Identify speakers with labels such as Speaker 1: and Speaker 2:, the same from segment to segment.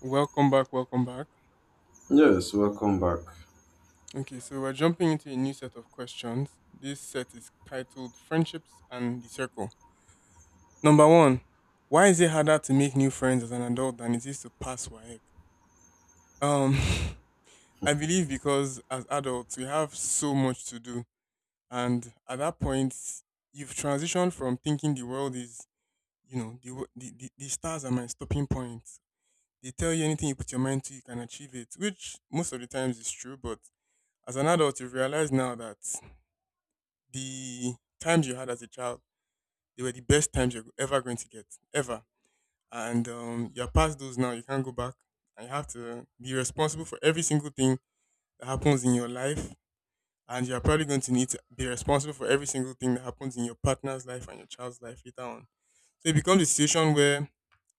Speaker 1: Welcome back, welcome back.
Speaker 2: Yes, welcome back.
Speaker 1: Okay, so we're jumping into a new set of questions. This set is titled Friendships and the Circle. Number one, why is it harder to make new friends as an adult than it is to pass WAEC? Um, I believe because as adults, we have so much to do. And at that point, you've transitioned from thinking the world is, the, wo- the stars are my stopping point. They tell you anything you put your mind to, you can achieve it, which most of the times is true, but as an adult, you've realized now that the times you had as a child, they were the best times you're ever going to get, ever. And you're past those now. You can't go back. And you have to be responsible for every single thing that happens in your life. And you're probably going to need to be responsible for every single thing that happens in your partner's life and your child's life later on. So it becomes a situation where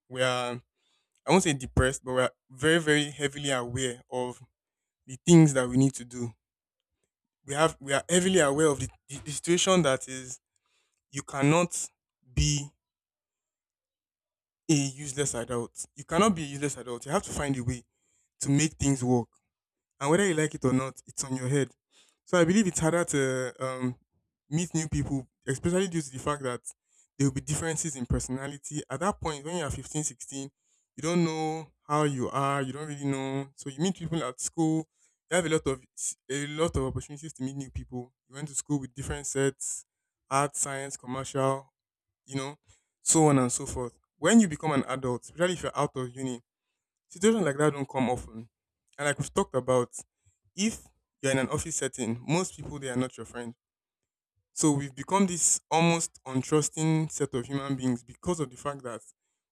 Speaker 1: we are, I won't say depressed, but we are very, very heavily aware of the things that we need to do. We are heavily aware of the, the situation that is you cannot be a useless adult. You cannot be a useless adult. You have to find a way to make things work. And whether you like it or not, it's on your head. So I believe it's harder to meet new people, especially due to the fact that there will be differences in personality. At that point, when you are 15, 16, you don't know how you are. You don't really know. So you meet people at school. You have a lot of opportunities to meet new people. You went to school with different sets, art, science, commercial, you know, so on and so forth. When you become an adult, especially if you're out of uni, situations like that don't come often. And like we've talked about, if you're in an office setting, most people they are not your friend. So we've become this almost untrusting set of human beings because of the fact that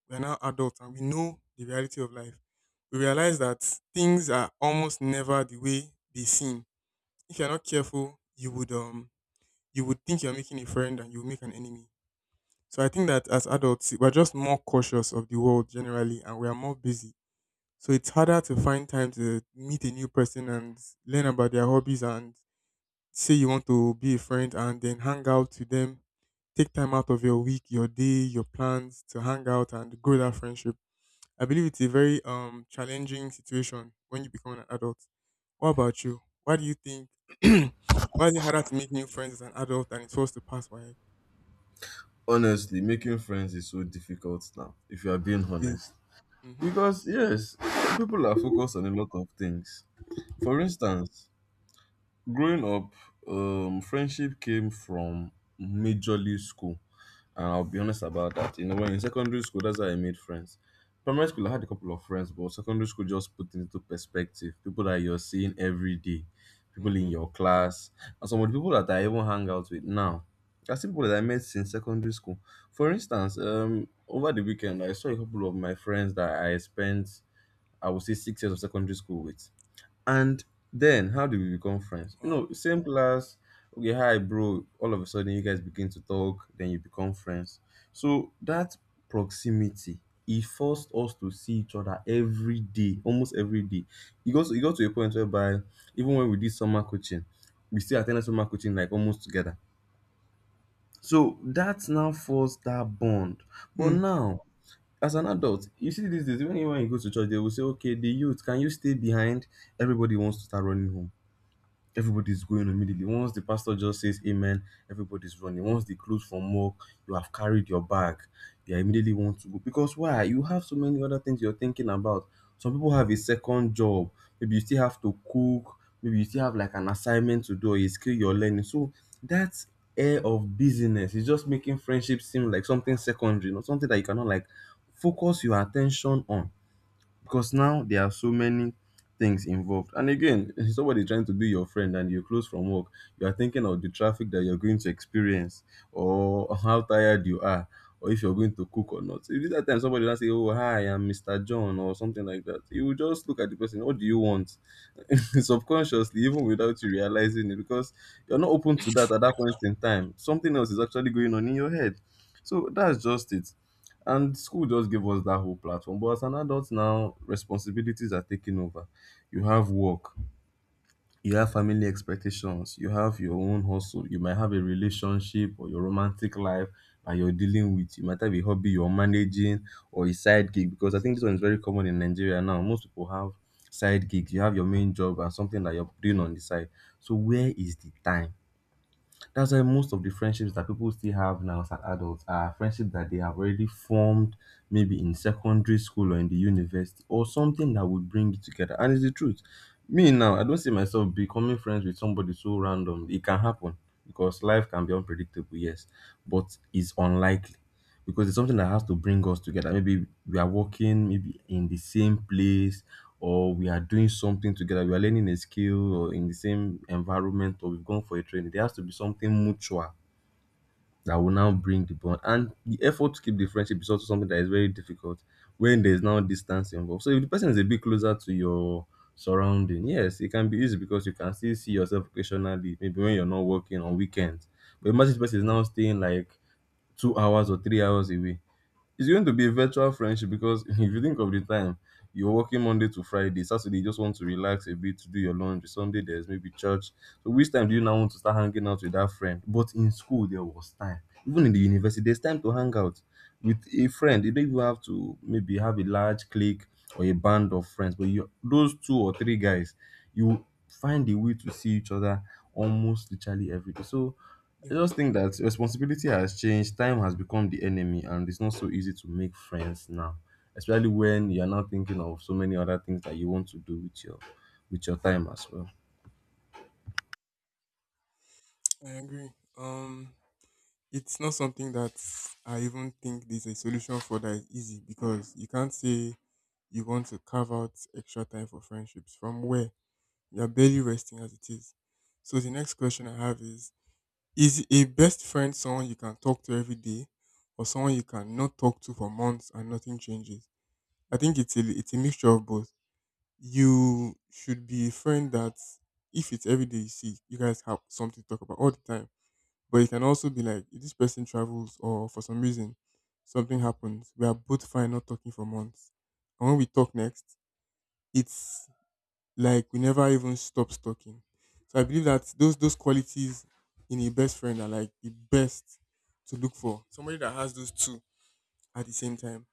Speaker 1: we are now adults and we know the reality of life. We realize that things are almost never the way they seem. If you're not careful, you would think you're making a friend and you'll make an enemy. So I think that as adults, we're just more cautious of the world generally and we are more busy. So it's harder to find time to meet a new person and learn about their hobbies and say you want to be a friend and then hang out to them. Take time out of your week, your day, your plans to hang out and grow that friendship. I believe it's a very challenging situation when you become an adult. What about you? Why do you think why is it harder to make new friends as an adult than it was to pass by?
Speaker 2: Honestly, making friends is so difficult now if you are being honest,
Speaker 1: Is
Speaker 2: because yes, people are focused on a lot of things. For instance, growing up, friendship came from majorly school. And I'll be honest about that. You know, when in secondary school, that's how I made friends. Primary school, I had a couple of friends, but secondary school just put into perspective. People that you're seeing every day, people in
Speaker 1: Mm-hmm.
Speaker 2: your class, and some of the people that I even hang out with now. That's people that I met since secondary school. For instance, over the weekend, I saw a couple of my friends that I spent, I would say, 6 years of secondary school with. And then how do we become friends? You
Speaker 1: Wow.
Speaker 2: know, same class, okay, hi bro. All of a sudden you guys begin to talk, then you become friends. So that proximity, it forced us to see each other every day, almost every day. It got to a point whereby even when we did summer coaching, we still attended summer coaching like almost together. So that now forced that bond. But
Speaker 1: Hmm.
Speaker 2: now, as an adult, you see these days, even when you go to church, they will say, okay, the youth, can you stay behind? Everybody wants to start running home. Everybody's going immediately. Once the pastor just says amen, everybody's running. Once they close from work, you have carried your bag. You immediately want to go. Because why? You have so many other things you're thinking about. Some people have a second job. Maybe you still have to cook. Maybe you still have like an assignment to do or a skill you're learning. So that air of busyness is just making friendship seem like something secondary, not something that you cannot like focus your attention on, because now there are so many things involved. And again, somebody trying to be your friend and you're close from work, you are thinking of the traffic that you're going to experience, or how tired you are, or if you're going to cook or not. So, if that time somebody will say, "Oh, hi, I'm Mr. John" or something like that, you will just look at the person, what do you want? Subconsciously, even without you realizing it, because you're not open to that at that point in time, something else is actually going on in your head. So that's just it. And school just gave us that whole platform, but as an adult now, responsibilities are taking over. You have work, you have family expectations, you have your own hustle, you might have a relationship or your romantic life, and you're dealing with, you might have a hobby you're managing, or a side gig, because I think this one is very common in Nigeria now. Most people have side gigs. You have your main job and something that you're doing on the side. So where is the time? That's why most of the friendships that people still have now as adults are friendships that they have already formed maybe in secondary school or in the university, or something that would bring you together. And it's the truth. Me now, I don't see myself becoming friends with somebody so random. It can happen because life can be unpredictable, yes, but it's unlikely, because it's something that has to bring us together. Maybe we are working, maybe in the same place, or we are doing something together. We are learning a skill, or in the same environment, or we've gone for a training. There has to be something mutual that will now bring the bond. And the effort to keep the friendship is also something that is very difficult when there is now distance involved. So if the person is a bit closer to your surrounding, yes, it can be easy because you can still see yourself occasionally, maybe when you're not working on weekends. But imagine this person is now staying like 2 hours or 3 hours away, it's going to be a virtual friendship because if you think of the time, you're working Monday to Friday. Saturday, you just want to relax a bit to do your laundry. Sunday, there's maybe church. So, which time do you now want to start hanging out with that friend? But in school, there was time. Even in the university, there's time to hang out with a friend. You don't even have to maybe have a large clique or a band of friends, but you those two or three guys, you find a way to see each other almost literally every day. So I
Speaker 1: Definitely,
Speaker 2: just think that responsibility has changed. Time has become the enemy, and it's not so easy to make friends now, especially when you're now thinking of so many other things that you want to do with your time as well.
Speaker 1: I agree. Um, it's not something that I even think there's a solution for that is easy because you can't say you want to carve out extra time for friendships from where you're barely resting as it is. So the next question I have is: is a best friend someone you can talk to every day, or someone you cannot talk to for months and nothing changes? I think it's a mixture of both. You should be a friend that if it's every day you see, you guys have something to talk about all the time. But you can also be like, if this person travels or for some reason something happens, we are both fine not talking for months. And when we talk next, it's like we never even stop talking. So I believe that those qualities in a best friend are like the best to look for. Somebody that has those two at the same time,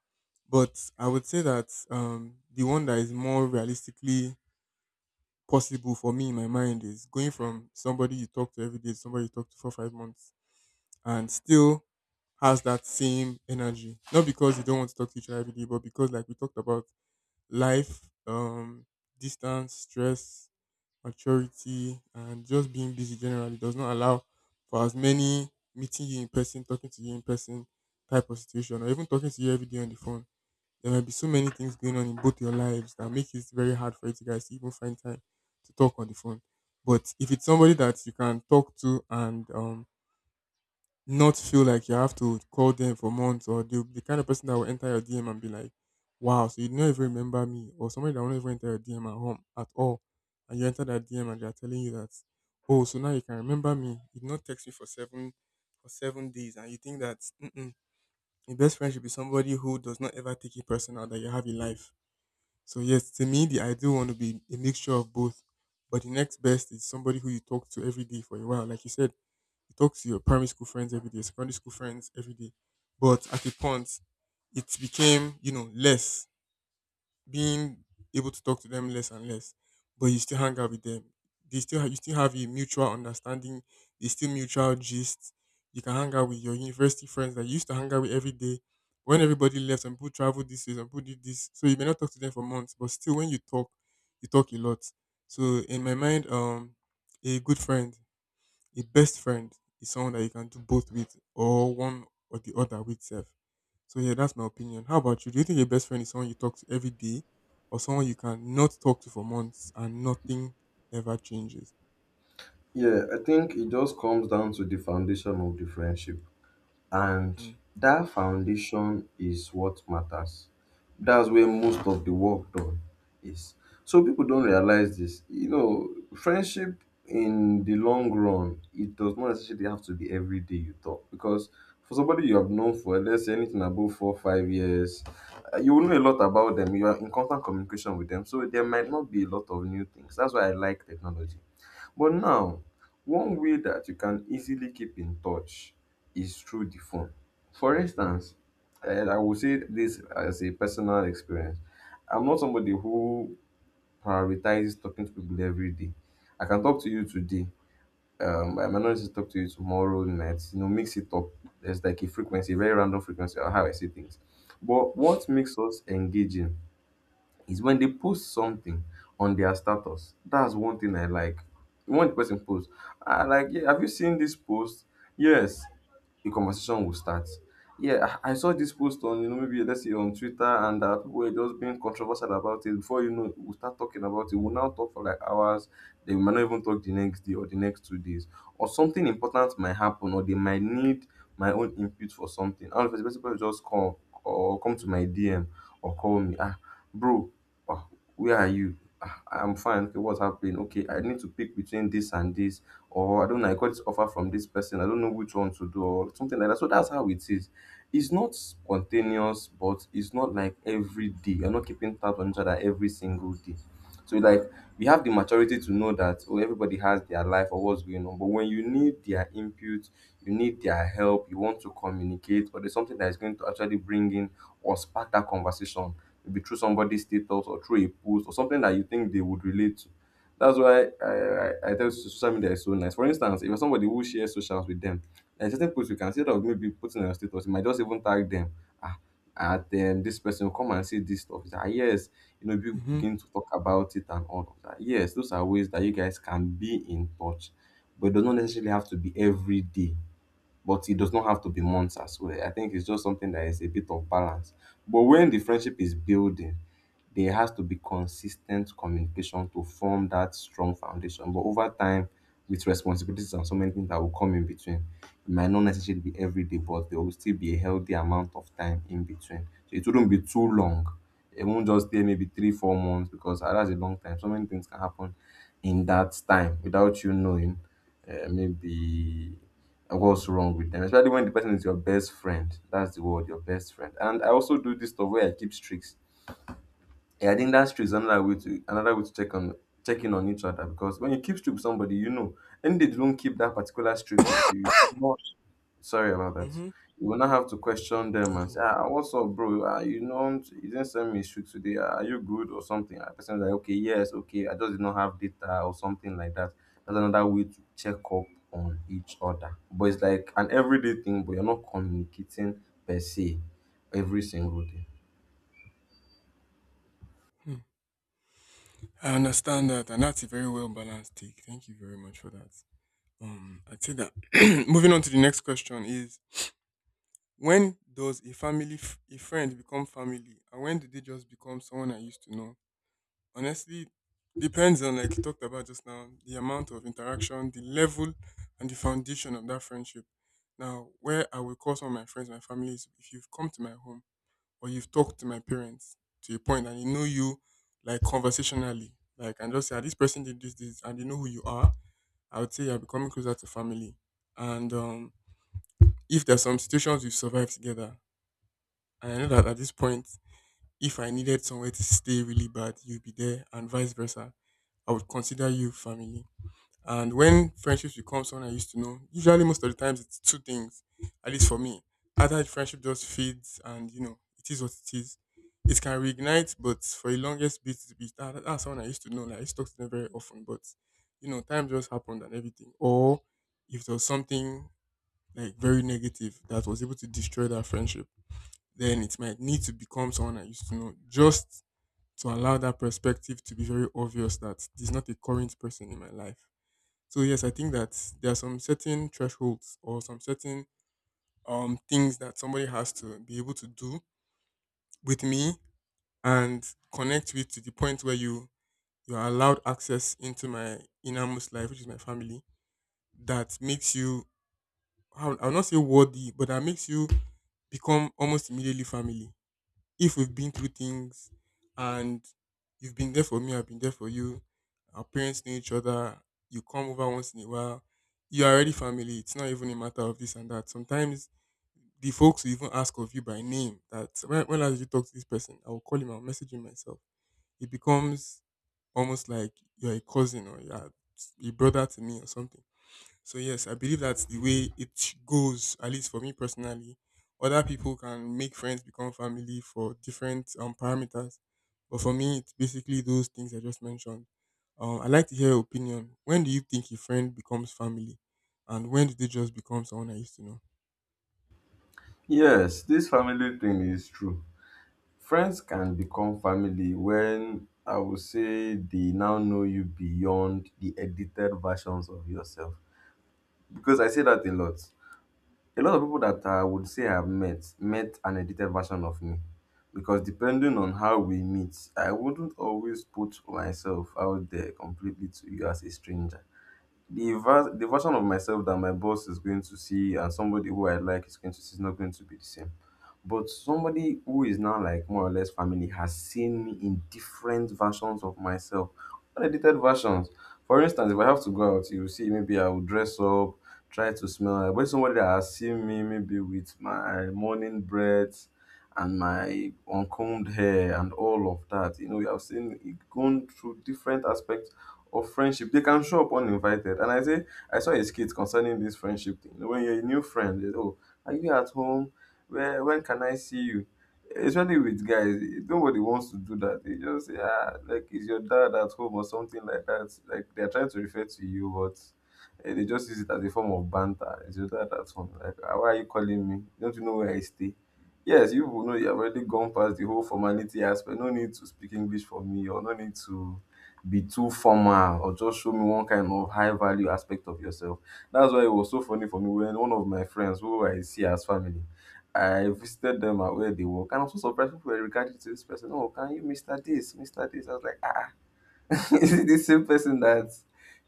Speaker 1: but I would say that the one that is more realistically possible for me in my mind is going from somebody you talk to every day, to somebody you talk to for 5 months, and still has that same energy. Not because you don't want to talk to each other every day, but because, like we talked about, life, distance, stress, maturity, and just being busy generally does not allow for as many meeting you in person, talking to you in person type of situation, or even talking to you every day on the phone. There might be so many things going on in both your lives that make it very hard for you to guys to even find time to talk on the phone. But if it's somebody that you can talk to and not feel like you have to call them for months, or the kind of person that will enter your DM and be like, "Wow, so you don't even remember me," or somebody that won't even enter your DM at home at all, and you enter that DM and they're telling you that, "Oh, so now you can remember me. You did not text me for 7 days," and you think that mm-mm, your best friend should be somebody who does not ever take it personal that you have in life. So yes, to me, the ideal one would be a mixture of both. But the next best is somebody who you talk to every day for a while. Like you said, you talk to your primary school friends every day, secondary school friends every day. But at a point, it became, you know, less being able to talk to them less and less, but you still hang out with them. You still have a mutual understanding. They still mutual gist. You can hang out with your university friends that you used to hang out with every day. When everybody left, some people traveled this way, some people did this, so you may not talk to them for months. But still, when you talk a lot. So in my mind, a good friend a best friend is someone that you can do both with, or one or the other with self. So yeah, that's my opinion. How about you? Do you think a best friend is someone you talk to every day or someone you can not talk to for months and nothing ever changes?
Speaker 2: Yeah, I think it just comes down to the foundation of the friendship, and
Speaker 1: Hmm.
Speaker 2: that foundation is what matters. That's where most of the work done is. So people don't realize this. You know, friendship in the long run, it does not necessarily have to be every day you talk, because for somebody you have known for, let's say, anything above 4 5 years, you will know a lot about them. You are in constant communication with them, so there might not be a lot of new things. That's why I like technology. But now, one way that you can easily keep in touch is through the phone. For instance, and I will say this as a personal experience. I'm not somebody who prioritizes talking to people every day. I can talk to you today. I might not just talk to you tomorrow night. You know, mix it up. There's like a frequency, very random frequency on how I see things. But what makes us engaging is when they post something on their status. That's one thing I like. When the person posts, I like, yeah, have you seen this post? Yes. A conversation will start. Yeah, I saw this post on, you know, maybe let's say on Twitter, and that people were just being controversial about it. Before you know, we start talking about it. We'll now talk for like hours. They we might not even talk the next day or the next 2 days. Or something important might happen, or they might need my own input for something. And if the person will just call or come to my DM or call me, ah, bro, "Ah, where are you? Ah, I'm fine. Okay, what's happening? Okay, I need to pick between this and this, or I don't know, I got this offer from this person. I don't know which one to do," or something like that. So that's how it is. It's not spontaneous, but it's not like every day. You're not keeping tabs on each other every single day. So like, we have the maturity to know that oh, everybody has their life or what's going on. But when you need their input, you need their help, you want to communicate, or there's something that is going to actually bring in or spark that conversation, maybe through somebody's status or through a post or something that you think they would relate to. That's why I tell you social media is so nice. For instance, if you're somebody who shares socials with them, there are certain posts you can see that maybe putting on your status, you might just even tag them. Ah, at this person will come and see this stuff. It's like, "Ah, yes, you know," people
Speaker 1: Mm-hmm.
Speaker 2: begin to talk about it and all of that. Yes, those are ways that you guys can be in touch, but it does not necessarily have to be every day, but it does not have to be months as well. I think it's just something that is a bit of balance. But when the friendship is building, there has to be consistent communication to form that strong foundation. But over time, with responsibilities and so many things that will come in between, it might not necessarily be every day, but there will still be a healthy amount of time in between. So it wouldn't be too long. It won't just stay maybe three, 4 months, because ah, that's a long time. So many things can happen in that time without you knowing. Maybe and what's wrong with them, especially when the person is your best friend. That's the word, your best friend. And I also do this stuff where I keep streaks. Yeah, I think that streaks another way to check on checking on each other, because when you keep streak with somebody, you know, and they don't keep that particular streak with you. Sorry about that.
Speaker 1: Mm-hmm.
Speaker 2: You will not have to question them
Speaker 1: Thank
Speaker 2: and
Speaker 1: you.
Speaker 2: say, ah, what's up, bro? Ah, you know, you didn't send me shoot today. Ah, are you good or something? And person is like, okay, yes, okay. I just did not have data or something like that. That's another way to check up on each other. But it's like an everyday thing, but you're not communicating per se every single day.
Speaker 1: Hmm. I understand that, and that's a very well balanced take. Thank you very much for that. I'd say that. Moving on to the next question is: when does a friend become family, and when do they just become someone I used to know? Honestly, depends on like you talked about just now, the amount of interaction, the level and the foundation of that friendship. Now, where I will call some of my friends my family is if you've come to my home or you've talked to my parents to a point and they know you like conversationally, like, and just say, "Ah, this person did this, this," and they know who you are, I would say you're becoming closer to family. And if there's some situations we've survived together, and I know that at this point, if I needed somewhere to stay really bad, you would be there and vice versa, I would consider you family. And when friendships become someone I used to know, usually most of the times it's two things, at least for me. Either the friendship just fades and, you know, it is what it is. It can reignite, but for the longest bit, that's someone I used to know. Like, I used to talk to them very often, but, you know, time just happened and everything. Or if there was something, like, very negative that was able to destroy that friendship, then it might need to become someone I used to know, just to allow that perspective to be very obvious that there's not a current person in my life. So yes, I think that there are some certain thresholds or some certain things that somebody has to be able to do with me and connect with, to the point where you are allowed access into my innermost life, which is my family, that makes you, I'll not say worthy, but that makes you become almost immediately family. If we've been through things and you've been there for me, I've been there for you, our parents know each other, you come over once in a while, you're already family. It's not even a matter of this and that. Sometimes the folks will even ask of you by name that when last did you talk to this person? I'll call him, I'll message him myself. It becomes almost like you're a cousin or you're a brother to me or something. So yes, I believe that's the way it goes. At least for me personally, other people can make friends become family for different parameters, but for me, it's basically those things I just mentioned. I like to hear your opinion. When do you think a friend becomes family, and when do they just become someone I used to know?
Speaker 2: Yes, this family thing is true. Friends can become family when I would say they now know you beyond the edited versions of yourself. Because I say that a lot. A lot of people that I would say I've met an edited version of me. Because depending on how we meet, I wouldn't always put myself out there completely to you as a stranger. The version of myself that my boss is going to see and somebody who I like is going to see is not going to be the same. But somebody who is now like more or less family has seen me in different versions of myself, unedited versions. For instance, if I have to go out, you will see maybe I will dress up, try to smell. But somebody that has seen me maybe with my morning breath and my uncombed hair and all of that, you know, you have seen it going through different aspects or friendship, they can show up uninvited. And I say, I saw a skit concerning this friendship thing. You know, when you're a new friend, you know, are you at home, where, when can I see you, especially with guys, nobody wants to do that. They just say, ah, like, is your dad at home or something like that, like they're trying to refer to you, but eh, they just use it as a form of banter. Is your dad at home? Like, "Ah, why are you calling me, don't you know where I stay?" Yes, you will know you have already gone past the whole formality aspect. No need to speak English for me, or no need to be too formal, or just show me one kind of high value aspect of yourself. That's why it was so funny for me when one of my friends who I see as family, I visited them at where they work, and I was so surprised people were regarding to this person. Oh, can you Mr. This, Mr. This? I was like, ah, ah. Is it the same person that,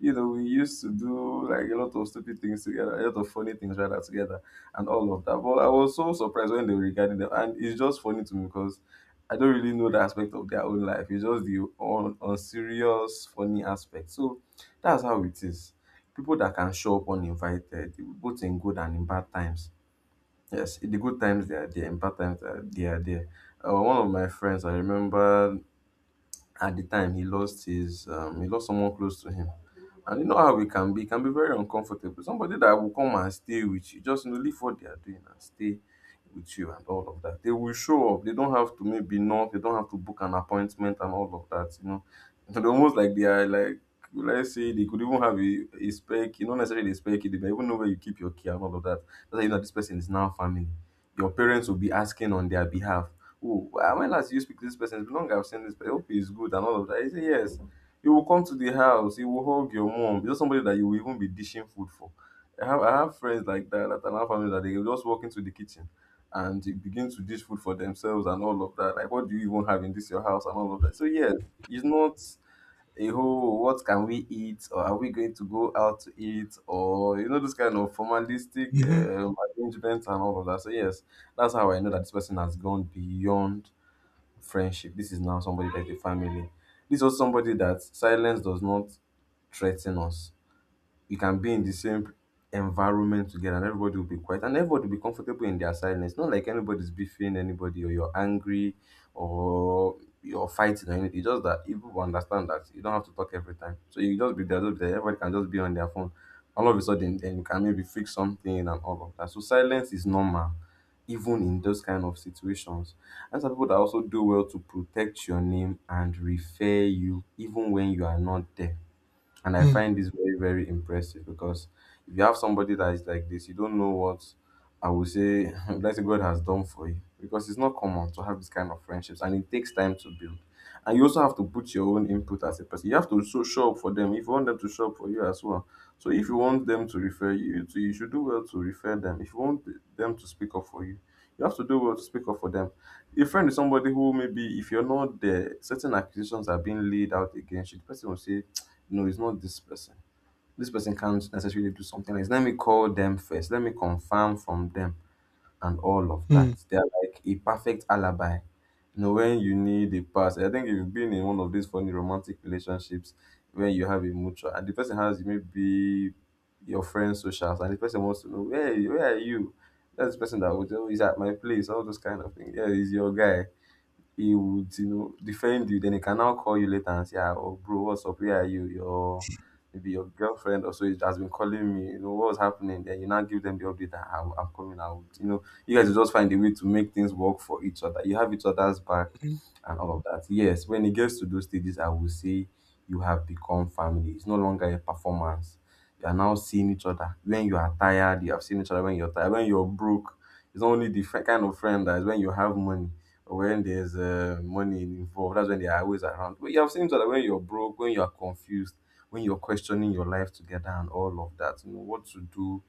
Speaker 2: you know, we used to do like a lot of stupid things together, a lot of funny things rather together, and all of that? But I was so surprised when they were regarding them, and it's just funny to me because I don't really know the aspect of their own life. It's just the unserious, funny aspect. So that's how it is. People that can show up uninvited, both in good and in bad times. Yes, in the good times they are there, in bad times they are there. One of my friends, I remember at the time he lost his he lost someone close to him, and you know how it can be very uncomfortable. Somebody that will come and stay with you, just, you know, leave what they are doing and stay with you and all of that. They will show up, they don't have to maybe knock, they don't have to book an appointment and all of that, you know. They're almost like, they are like, let's say they could even have a spare key, not necessarily a spare key, they may even know where you keep your key and all of that. That's how you know this person is now family. Your parents will be asking on their behalf, oh, when last you speak to this person? It's been long I've seen this person. I hope he's good and all of that. He say yes. He will come to the house. He will hug your mom. He's not somebody that you will even be dishing food for. I have friends like that and I have family that they will just walk into the kitchen and they begin to dish food for themselves and all of that. Like, what do you even have in this your house and all of that? So, yes, it's not a whole what can we eat or are we going to go out to eat or, you know, this kind of formalistic
Speaker 1: Mm-hmm.
Speaker 2: arrangements and all of that. So yes, that's how I know that this person has gone beyond friendship. This is now somebody like a family. This is somebody that silence does not threaten us. We can be in the same environment together, and everybody will be quiet, and everybody will be comfortable in their silence. Not like anybody's beefing anybody, or you're angry, or you're fighting or anything. It's just that if people will understand that you don't have to talk every time. So you just be there, just be there. Everybody can just be on their phone. All of a sudden, then you can maybe fix something and all of that. So silence is normal, even in those kind of situations. And some people that also do well to protect your name and refer you even when you are not there. And I
Speaker 1: Hmm.
Speaker 2: find this very, very impressive because if you have somebody that is like this, you don't know what I would say, let's say God has done for you. Because it's not common to have this kind of friendships, and it takes time to build. And you also have to put your own input as a person. You have to so show up for them if you want them to show up for you as well. So if you want them to refer you, you, too, you should do well to refer them. If you want them to speak up for you, you have to do well to speak up for them. A friend is somebody who maybe if you're not there, certain accusations are being laid out against you. The person will say, no, it's not this person. This person can't necessarily do something else. Let me call them first. Let me confirm from them and all of
Speaker 1: Hmm.
Speaker 2: that. They're like a perfect alibi. You know, when you need a pass, I think if you've been in one of these funny romantic relationships when you have a mutual and the person has maybe your friend's socials, and the person wants to know, hey, where are you? That's the person that would always at my place, all those kind of things. Yeah, he's your guy, he would, you know, defend you. Then he can now call you later and say, ah, oh, bro, what's up? Where are you? Your, maybe your girlfriend or so has been calling me. You know what's happening? Then you now give them the update that, "Ah, I'm coming out. You know, you guys will just find a way to make things work for each other. You have each other's back
Speaker 1: Hmm.
Speaker 2: and all of that. Yes, when it gets to those stages, I will say you have become family. It's no longer a performance. You are now seeing each other when you are tired. You have seen each other when you're tired. When you're broke, it's only the kind of friend that is when you have money, when there's money involved, that's when they are always around. But you have seen that when you're broke, when you're confused, when you're questioning your life together and all of that, you know what to do.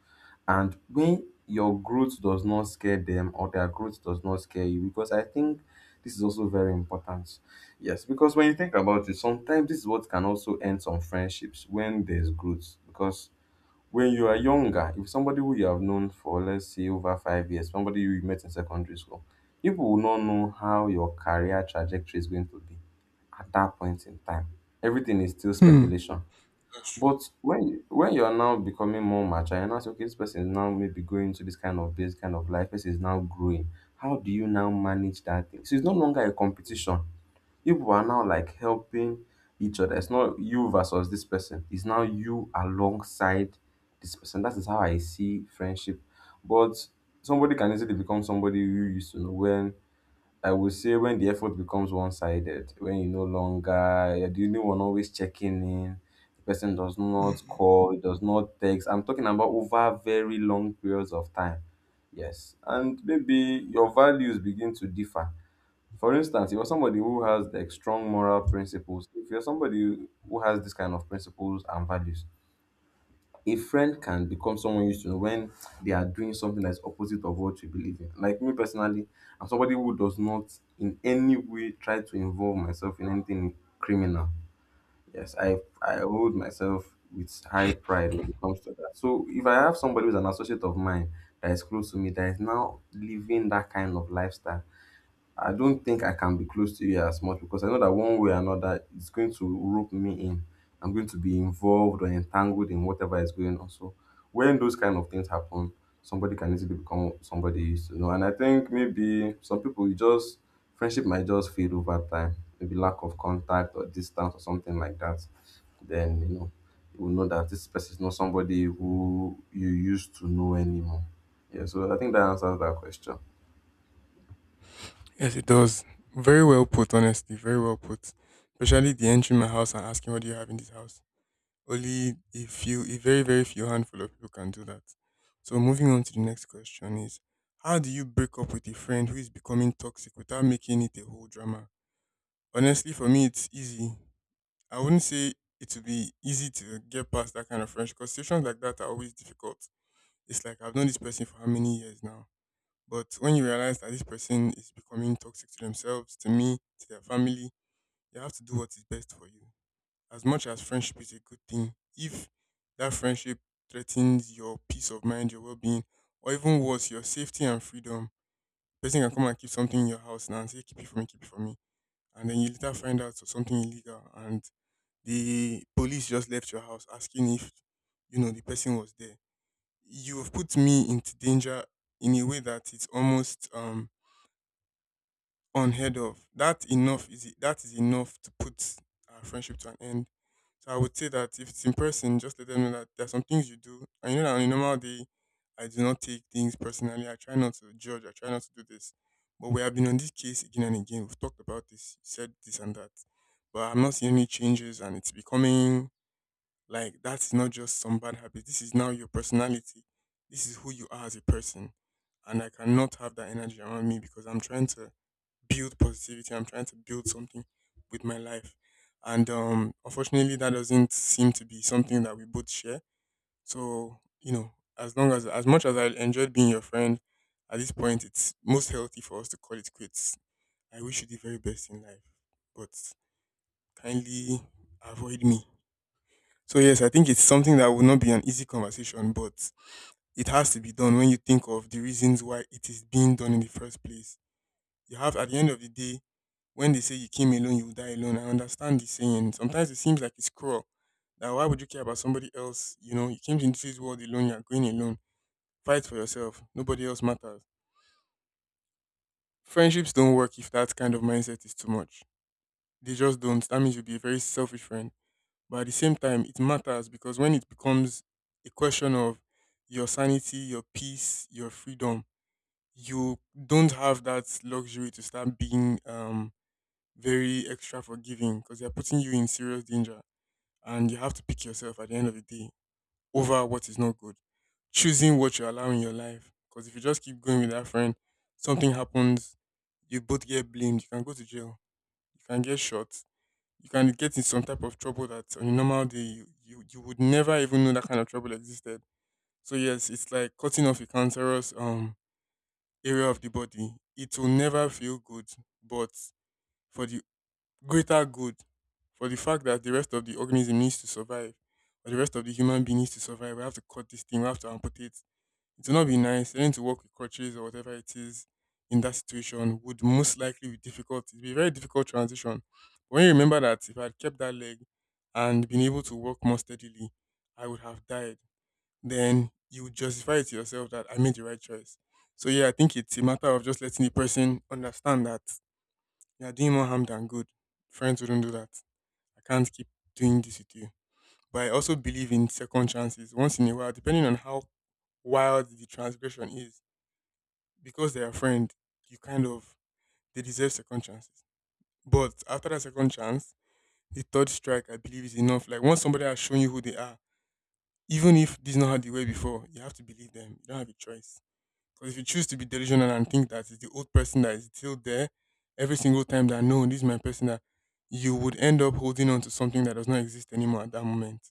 Speaker 2: And when your growth does not scare them, or their growth does not scare you, because I think this is also very important. Yes, because when you think about it, sometimes this is what can also end some friendships when there's growth. Because when you are younger, if somebody who you have known for, let's say, over 5 years, somebody you met in secondary school, people will not know how your career trajectory is going to be at that point in time. Everything is still
Speaker 1: Hmm.
Speaker 2: speculation.
Speaker 1: That's true.
Speaker 2: But when you are now becoming more mature, you're now saying, okay, this person is now maybe going to this kind of base, kind of life. This is now growing. How do you now manage that thing? So it's no longer a competition. If we're now like helping each other, it's not you versus this person, it's now you alongside this person. That is how I see friendship. But somebody can easily become somebody you used to know when I would say when the effort becomes one sided, when you no longer you're the only one always checking in, the person does not call, does not text. I'm talking about over very long periods of time. Yes. And maybe your values begin to differ. For instance, if you're somebody who has like strong moral principles, if you're somebody who has this kind of principles and values, a friend can become someone you should know when they are doing something that's opposite of what you believe in. Like me personally, I'm somebody who does not in any way try to involve myself in anything criminal. Yes, I hold myself with high pride when it comes to that. So if I have somebody who's an associate of mine that is close to me that is now living that kind of lifestyle, I don't think I can be close to you as much because I know that one way or another it's going to rope me in. I'm going to be involved or entangled in whatever is going on. So when those kind of things happen, somebody can easily become somebody you used to know. And I think maybe some people you just friendship might just fade over time. Maybe lack of contact or distance or something like that. Then you know you will know that this person is not somebody who you used to know anymore. Yeah, so I think that answers that question.
Speaker 1: Yes, it does. Very well put, honestly. Very well put. Especially the entering my house and asking what do you have in this house. Only a few, a very, very few handful of people can do that. So moving on to the next question is, how do you break up with a friend who is becoming toxic without making it a whole drama? Honestly, for me it's easy. I wouldn't say it would be easy to get past that kind of friendship because situations like that are always difficult. It's like I've known this person for how many years now. But when you realize that this person is becoming toxic to themselves, to me, to their family, you have to do what is best for you. As much as friendship is a good thing, if that friendship threatens your peace of mind, your well being, or even worse, your safety and freedom, person can come and keep something in your house now and say, keep it for me, keep it for me. And then you later find out it's something illegal and the police just left your house asking if, you know, the person was there. You've put me into danger in a way that it's almost unheard of. That enough is that is enough to put our friendship to an end. So I would say that if it's in person, just let them know that there are some things you do. And you know that on a normal day, I do not take things personally. I try not to judge. I try not to do this. But we have been on this case again and again. We've talked about this, you said this and that. But I'm not seeing any changes and it's becoming like that's not just some bad habit. This is now your personality. This is who you are as a person. And I cannot have that energy around me because I'm trying to build positivity. I'm trying to build something with my life. And unfortunately, that doesn't seem to be something that we both share. So, you know, as long as much as I enjoyed being your friend, at this point, it's most healthy for us to call it quits. I wish you the very best in life, but kindly avoid me. So, yes, I think it's something that will not be an easy conversation, but it has to be done when you think of the reasons why it is being done in the first place. You have at the end of the day, when they say you came alone, you will die alone. I understand the saying. Sometimes it seems like it's cruel. That why would you care about somebody else? You know, you came into this world alone, you're going alone. Fight for yourself. Nobody else matters. Friendships don't work if that kind of mindset is too much. They just don't. That means you'll be a very selfish friend. But at the same time, it matters because when it becomes a question of your sanity, your peace, your freedom, you don't have that luxury to start being very extra forgiving because they're putting you in serious danger and you have to pick yourself at the end of the day over what is not good. Choosing what you allow in your life because if you just keep going with that friend, something happens, you both get blamed, you can go to jail, you can get shot, you can get in some type of trouble that on a normal day you would never even know that kind of trouble existed. So yes, it's like cutting off a cancerous area of the body. It will never feel good, but for the greater good, for the fact that the rest of the organism needs to survive or the rest of the human being needs to survive. We have to cut this thing, we have to amputate. It will not be nice. Learning to work with crutches or whatever it is in that situation would most likely be difficult. It'd be a very difficult transition. But when you remember that if I had kept that leg and been able to walk more steadily, I would have died. Then you would justify it to yourself that I made the right choice. So yeah, I think it's a matter of just letting the person understand that you're doing more harm than good. Friends wouldn't do that. I can't keep doing this with you. But I also believe in second chances. Once in a while, depending on how wild the transgression is, because they're a friend, you kind of they deserve second chances. But after that second chance, the third strike I believe is enough. Like once somebody has shown you who they are, even if this is not how they were before, you have to believe them. You don't have a choice. Because if you choose to be delusional and think that it's the old person that is still there every single time that no, this is my person that you would end up holding on to something that does not exist anymore at that moment.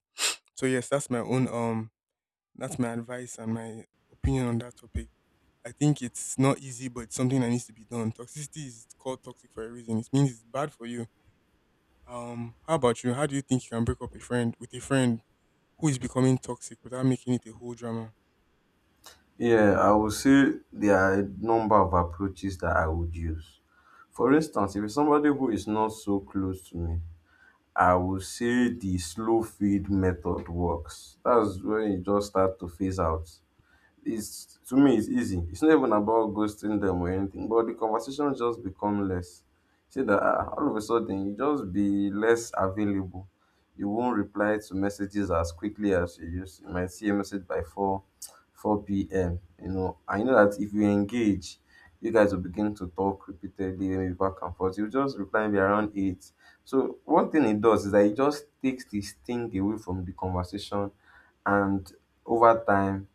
Speaker 1: So yes, that's my own that's my advice and my opinion on that topic. I think it's not easy, but it's something that needs to be done. Toxicity is called toxic for a reason. It means it's bad for you. How about you? How do you think you can break up a friend with a friend who is becoming toxic without making it a whole drama?
Speaker 2: Yeah, I would say there are a number of approaches that I would use. For instance, if it's somebody who is not so close to me, I would say the slow feed method works. That's when you just start to phase out. It's to me, it's easy. It's not even about ghosting them or anything, but the conversation just become less. See that all of a sudden you just be less available. You won't reply to messages as quickly as you used. You might see a message by four 4 p.m. You know, I know that if we engage, you guys will begin to talk repeatedly, maybe back and forth. You just reply maybe around eight. So one thing it does is that it just takes the sting away from the conversation, and over time,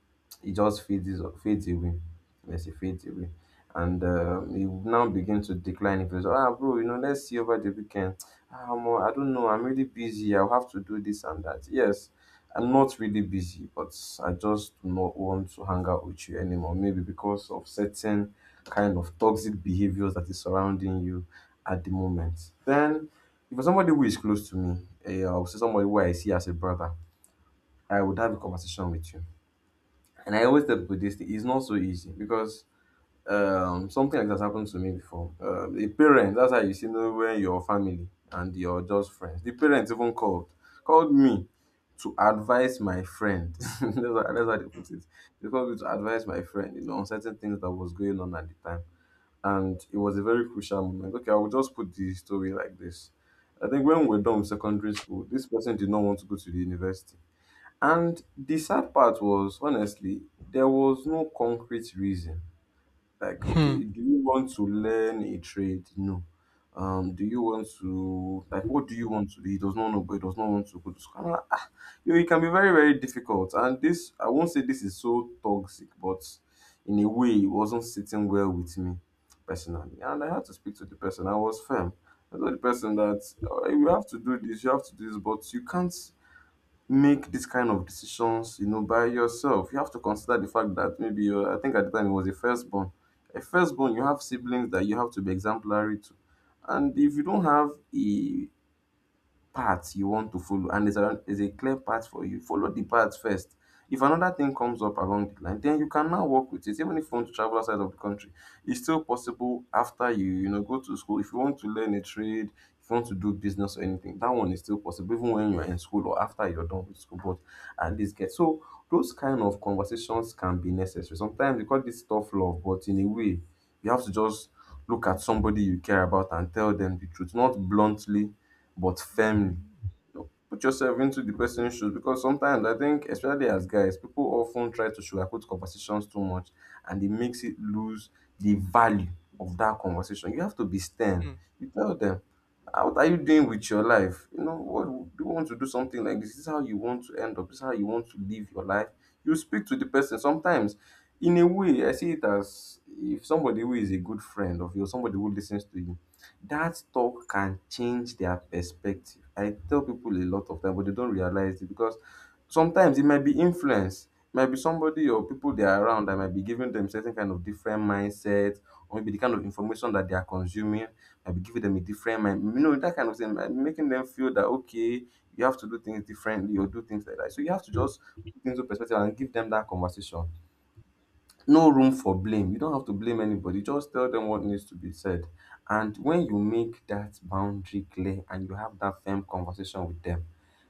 Speaker 2: it just fades away. Yes, it fades away, and it will now begin to decline. If it's ah bro, you know, let's see over the weekend. Ah, omo, I don't know. I'm really busy. I'll have to do this and that. Yes, I'm not really busy, but I just do not want to hang out with you anymore. Maybe because of certain kind of toxic behaviors that is surrounding you at the moment. Then, if you're somebody who is close to me, eh, I'll say somebody who I see as a brother, I would have a conversation with you. And I always tell people this thing, it's not so easy because something like that happened to me before, um, a parent, that's how you see know when your family and your just friends, the parents even called me to advise my friend that's how they put it. They called me to advise my friend, you know, on certain things that was going on at the time, and it was a very crucial moment. Okay, I will just put the story like this. I think when we're done with secondary school, this person did not want to go to the university. And the sad part was, honestly, there was no concrete reason. Like,
Speaker 1: Hmm.
Speaker 2: okay, do you want to learn a trade? No. Um, do you want to like, what do you want to do? He does not know, but he does not want to go to school. I'm like, ah, you know, it can be very, very difficult, and this, I won't say this is so toxic, but in a way it wasn't sitting well with me personally, and I had to speak to the person. I was firm. I told the person that, "Oh, you have to do this, you have to do this, but you can't make this kind of decisions, you know, by yourself. You have to consider the fact that maybe you're, I think at the time it was a firstborn. A firstborn, you have siblings that you have to be exemplary to. And if you don't have a path you want to follow and there's a clear path for you, follow the path first. If another thing comes up along the line, then you can now work with it. Even if you want to travel outside of the country, it's still possible after you, you know, go to school. If you want to learn a trade, if you want to do business or anything, that one is still possible, even when you're in school or after you're done with school. But at least get so those kind of conversations can be necessary. Sometimes they call this tough love, but in a way, you have to just look at somebody you care about and tell them the truth, not bluntly but firmly. You know, put yourself into the person's shoes because sometimes I think, especially as guys, people often try to sugarcoat conversations too much and it makes it lose the value of that conversation. You have to be stern.
Speaker 1: Hmm.
Speaker 2: You tell them, "Ah, what are you doing with your life? You know, what do you want to do something like this? This is how you want to end up, this is how you want to live your life. You speak to the person. Sometimes, in a way, I see it as if somebody who is a good friend of yours, somebody who listens to you, that talk can change their perspective. I tell people a lot of time, but they don't realize it because sometimes it might be influence. It might be somebody or people they are around that might be giving them certain kind of different mindset, or maybe the kind of information that they are consuming might be giving them a different mind. You know, that kind of thing might be making them feel that okay, you have to do things differently or do things like that. So you have to just put things into perspective and give them that conversation, no room for blame. You don't have to blame anybody. Just tell them what needs to be said. And when you make that boundary clear and you have that firm conversation with them,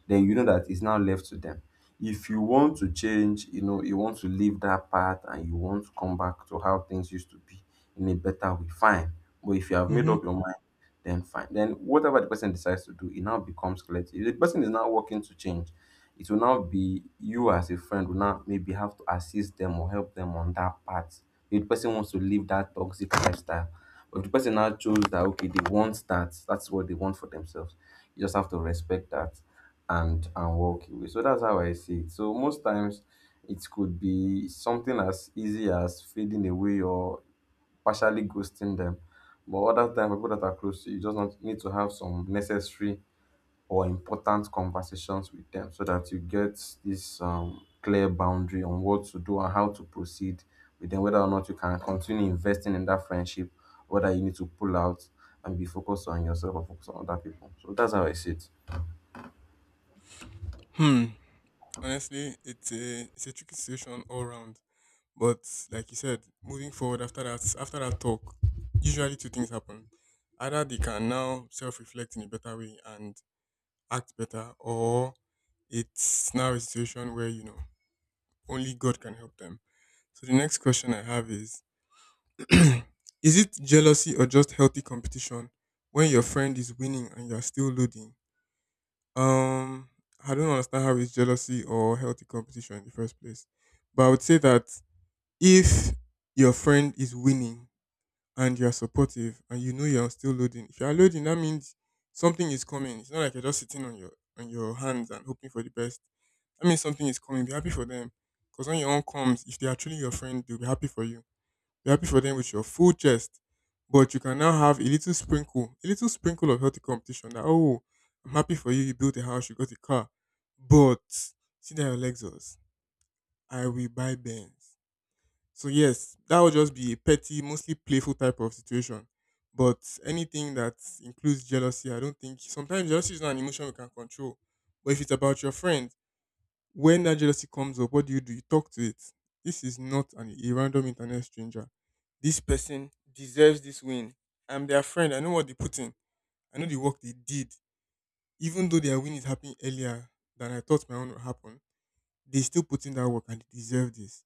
Speaker 2: then you know that it's now left to them. If you want to change, you know, you want to leave that path and you want to come back to how things used to be in a better way, fine. But if you have made
Speaker 1: Mm-hmm.
Speaker 2: up your mind, then fine. Then whatever the person decides to do, it now becomes clear to you. The person is now working to change, it will now be you as a friend will now maybe have to assist them or help them on that part. If the person wants to live that toxic lifestyle, but if the person now chose that okay, they want that, that's what they want for themselves. You just have to respect that and walk away. So that's how I see it. So most times it could be something as easy as fading away or partially ghosting them. But other times people that are close to you just not, need to have some necessary or important conversations with them so that you get this clear boundary on what to do and how to proceed with them, whether or not you can continue investing in that friendship, whether you need to pull out and be focused on yourself or focus on other people. So that's how I see it.
Speaker 1: Hmm. Honestly, it's a tricky situation all around. But like you said, moving forward after that talk, usually two things happen. Either they can now self reflect in a better way and act better, or it's now a situation where, you know, only God can help them. So the next question I have is is it jealousy or just healthy competition when your friend is winning and you're still losing? Um I don't understand how it's jealousy or healthy competition in the first place. But I would say that if your friend is winning and you are supportive and you know you're still loading. If you are loading, that means something is coming. It's not like you're just sitting on your hands and hoping for the best. That means something is coming. Be happy for them. Because when your own comes, if they are truly your friend, they'll be happy for you. Be happy for them with your full chest. But you can now have a little sprinkle of healthy competition that, oh, I'm happy for you. You built a house, you got a car. But see that your Lexus. I will buy Benz. So yes, that would just be a petty, mostly playful type of situation. But anything that includes jealousy, I don't think sometimes jealousy is not an emotion we can control. But if it's about your friend, when that jealousy comes up, what do? You talk to it. This is not an a random internet stranger. This person deserves this win. I'm their friend. I know what they put in. I know the work they did. Even though their win is happening earlier than I thought my own would happen, they still put in that work and they deserve this.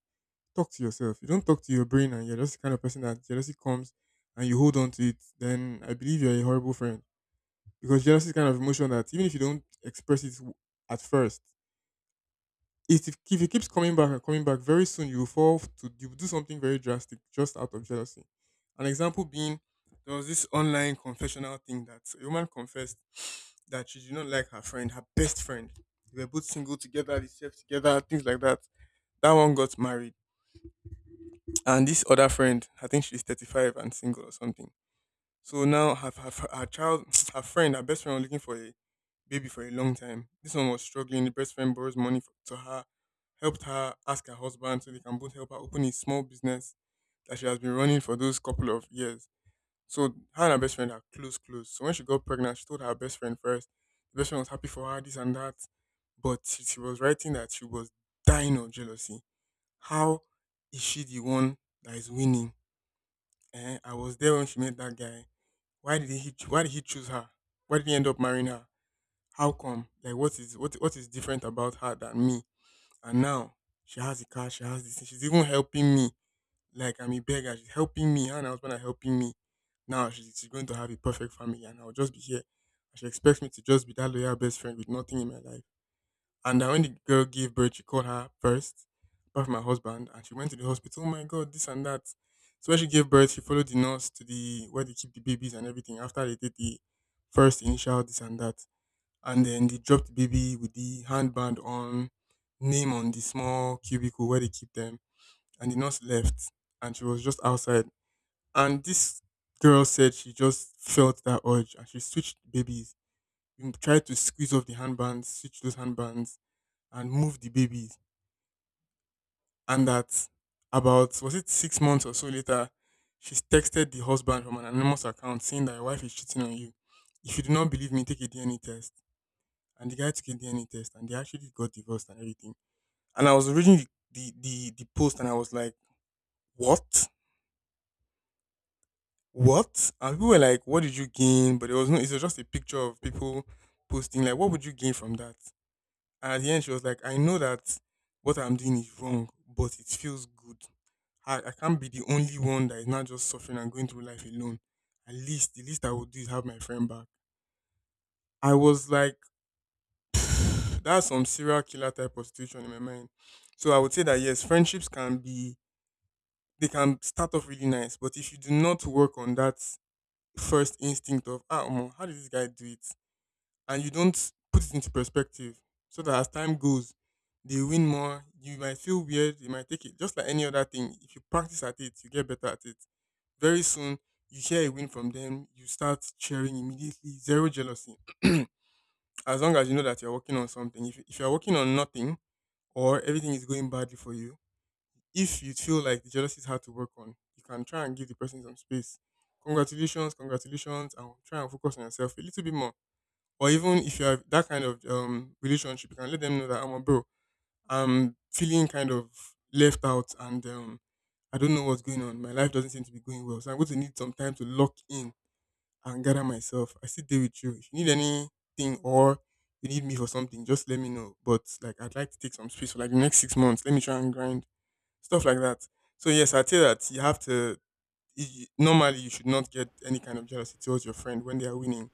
Speaker 1: Talk to yourself. You don't talk to your brain and you're just the kind of person that jealousy comes and you hold on to it, then I believe you're a horrible friend. Because jealousy is kind of emotion that even if you don't express it at first, it, if it keeps coming back and coming back, very soon you will fall to you will do something very drastic just out of jealousy. An example being there was this online confessional thing that a woman confessed that she did not like her friend, her best friend. They were both single together, they slept together, things like that. That one got married. And this other friend, I think she's 35 and single or something. So now her child, her friend, her best friend was looking for a baby for a long time. This one was struggling. The best friend borrows money for, to her, helped her ask her husband so they can both help her open a small business that she has been running for those couple of years. So her and her best friend are close, close. So when she got pregnant, she told her best friend first. The best friend was happy for her, this and that. But she was writing that she was dying of jealousy. How is she the one that is winning? Eh, I was there when she met that guy. Why did he? Why did he choose her? Why did he end up marrying her? How come? Like, what is what is different about her than me? And now she has a car. She has this thing. She's even helping me. Like I'm a beggar. She's helping me. Her and her husband are helping me. Now she's going to have a perfect family, and I'll just be here. And she expects me to just be that loyal best friend with nothing in my life. And that when the girl gave birth, she called her first, apart from her husband, and she went to the hospital. Oh my god, this and that. So when she gave birth, she followed the nurse to the where they keep the babies and everything after they did the first initial this and that. And then they dropped the baby with the handband on, name on the small cubicle where they keep them. And the nurse left and she was just outside. And this girl said she just felt that urge and she switched babies. We tried to squeeze off the handbands, switch those handbands and moved the babies. And that, about was it 6 months or so later, she's texted the husband from an anonymous account saying that your wife is cheating on you. If you do not believe me, take a DNA test. And the guy took a DNA test and they actually got divorced and everything. And I was reading the post and I was like, what? What? And people were like, what did you gain? But there was no, it was just a picture of people posting like, what would you gain from that? And at the end she was like, I know that what I'm doing is wrong, but it feels good. I can't be the only one that is not just suffering and going through life alone. At least, the least I would do is have my friend back. I was like, that's some serial killer type of situation in my mind. So I would say that yes, friendships can be, they can start off really nice, but if you do not work on that first instinct of, ah, omo, how did this guy do it? And you don't put it into perspective so that as time goes, they win more, you might feel weird, you might take it just like any other thing. If you practice at it, you get better at it. Very soon you share a win from them, you start cheering immediately, zero jealousy. as long as you know that you're working on something, if you're working on nothing or everything is going badly for you, if you feel like the jealousy is hard to work on, you can try and give the person some space. Congratulations, congratulations, and try and focus on yourself a little bit more. Or even if you have that kind of relationship, you can let them know that I'm a bro. I'm feeling kind of left out and I don't know what's going on. My life doesn't seem to be going well. So I'm going to need some time to lock in and gather myself. I sit there with you. If you need anything or you need me for something, just let me know. But like I'd like to take some space for like the next 6 months. Let me try and grind. Stuff like that. So yes, I'd say that you have to normally you should not get any kind of jealousy towards your friend when they are winning,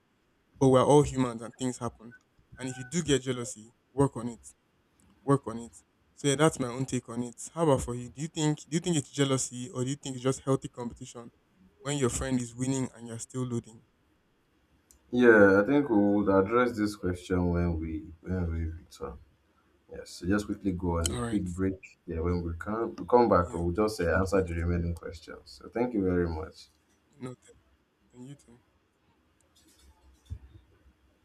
Speaker 1: but we're all humans and things happen. And if you do get jealousy, work on it. Work on it. So yeah, that's my own take on it. How about for you? Do you think it's jealousy or do you think it's just healthy competition when your friend is winning and you're still losing?
Speaker 2: Yeah, I think we would address this question when we return. Yes, so just quickly go on a
Speaker 1: All
Speaker 2: quick
Speaker 1: right.
Speaker 2: break. Yeah, when we come back,
Speaker 1: Yeah,
Speaker 2: we'll just
Speaker 1: catch you in the
Speaker 2: answer the
Speaker 1: next
Speaker 2: remaining questions. So thank you very much.
Speaker 1: one. Noted. And you too.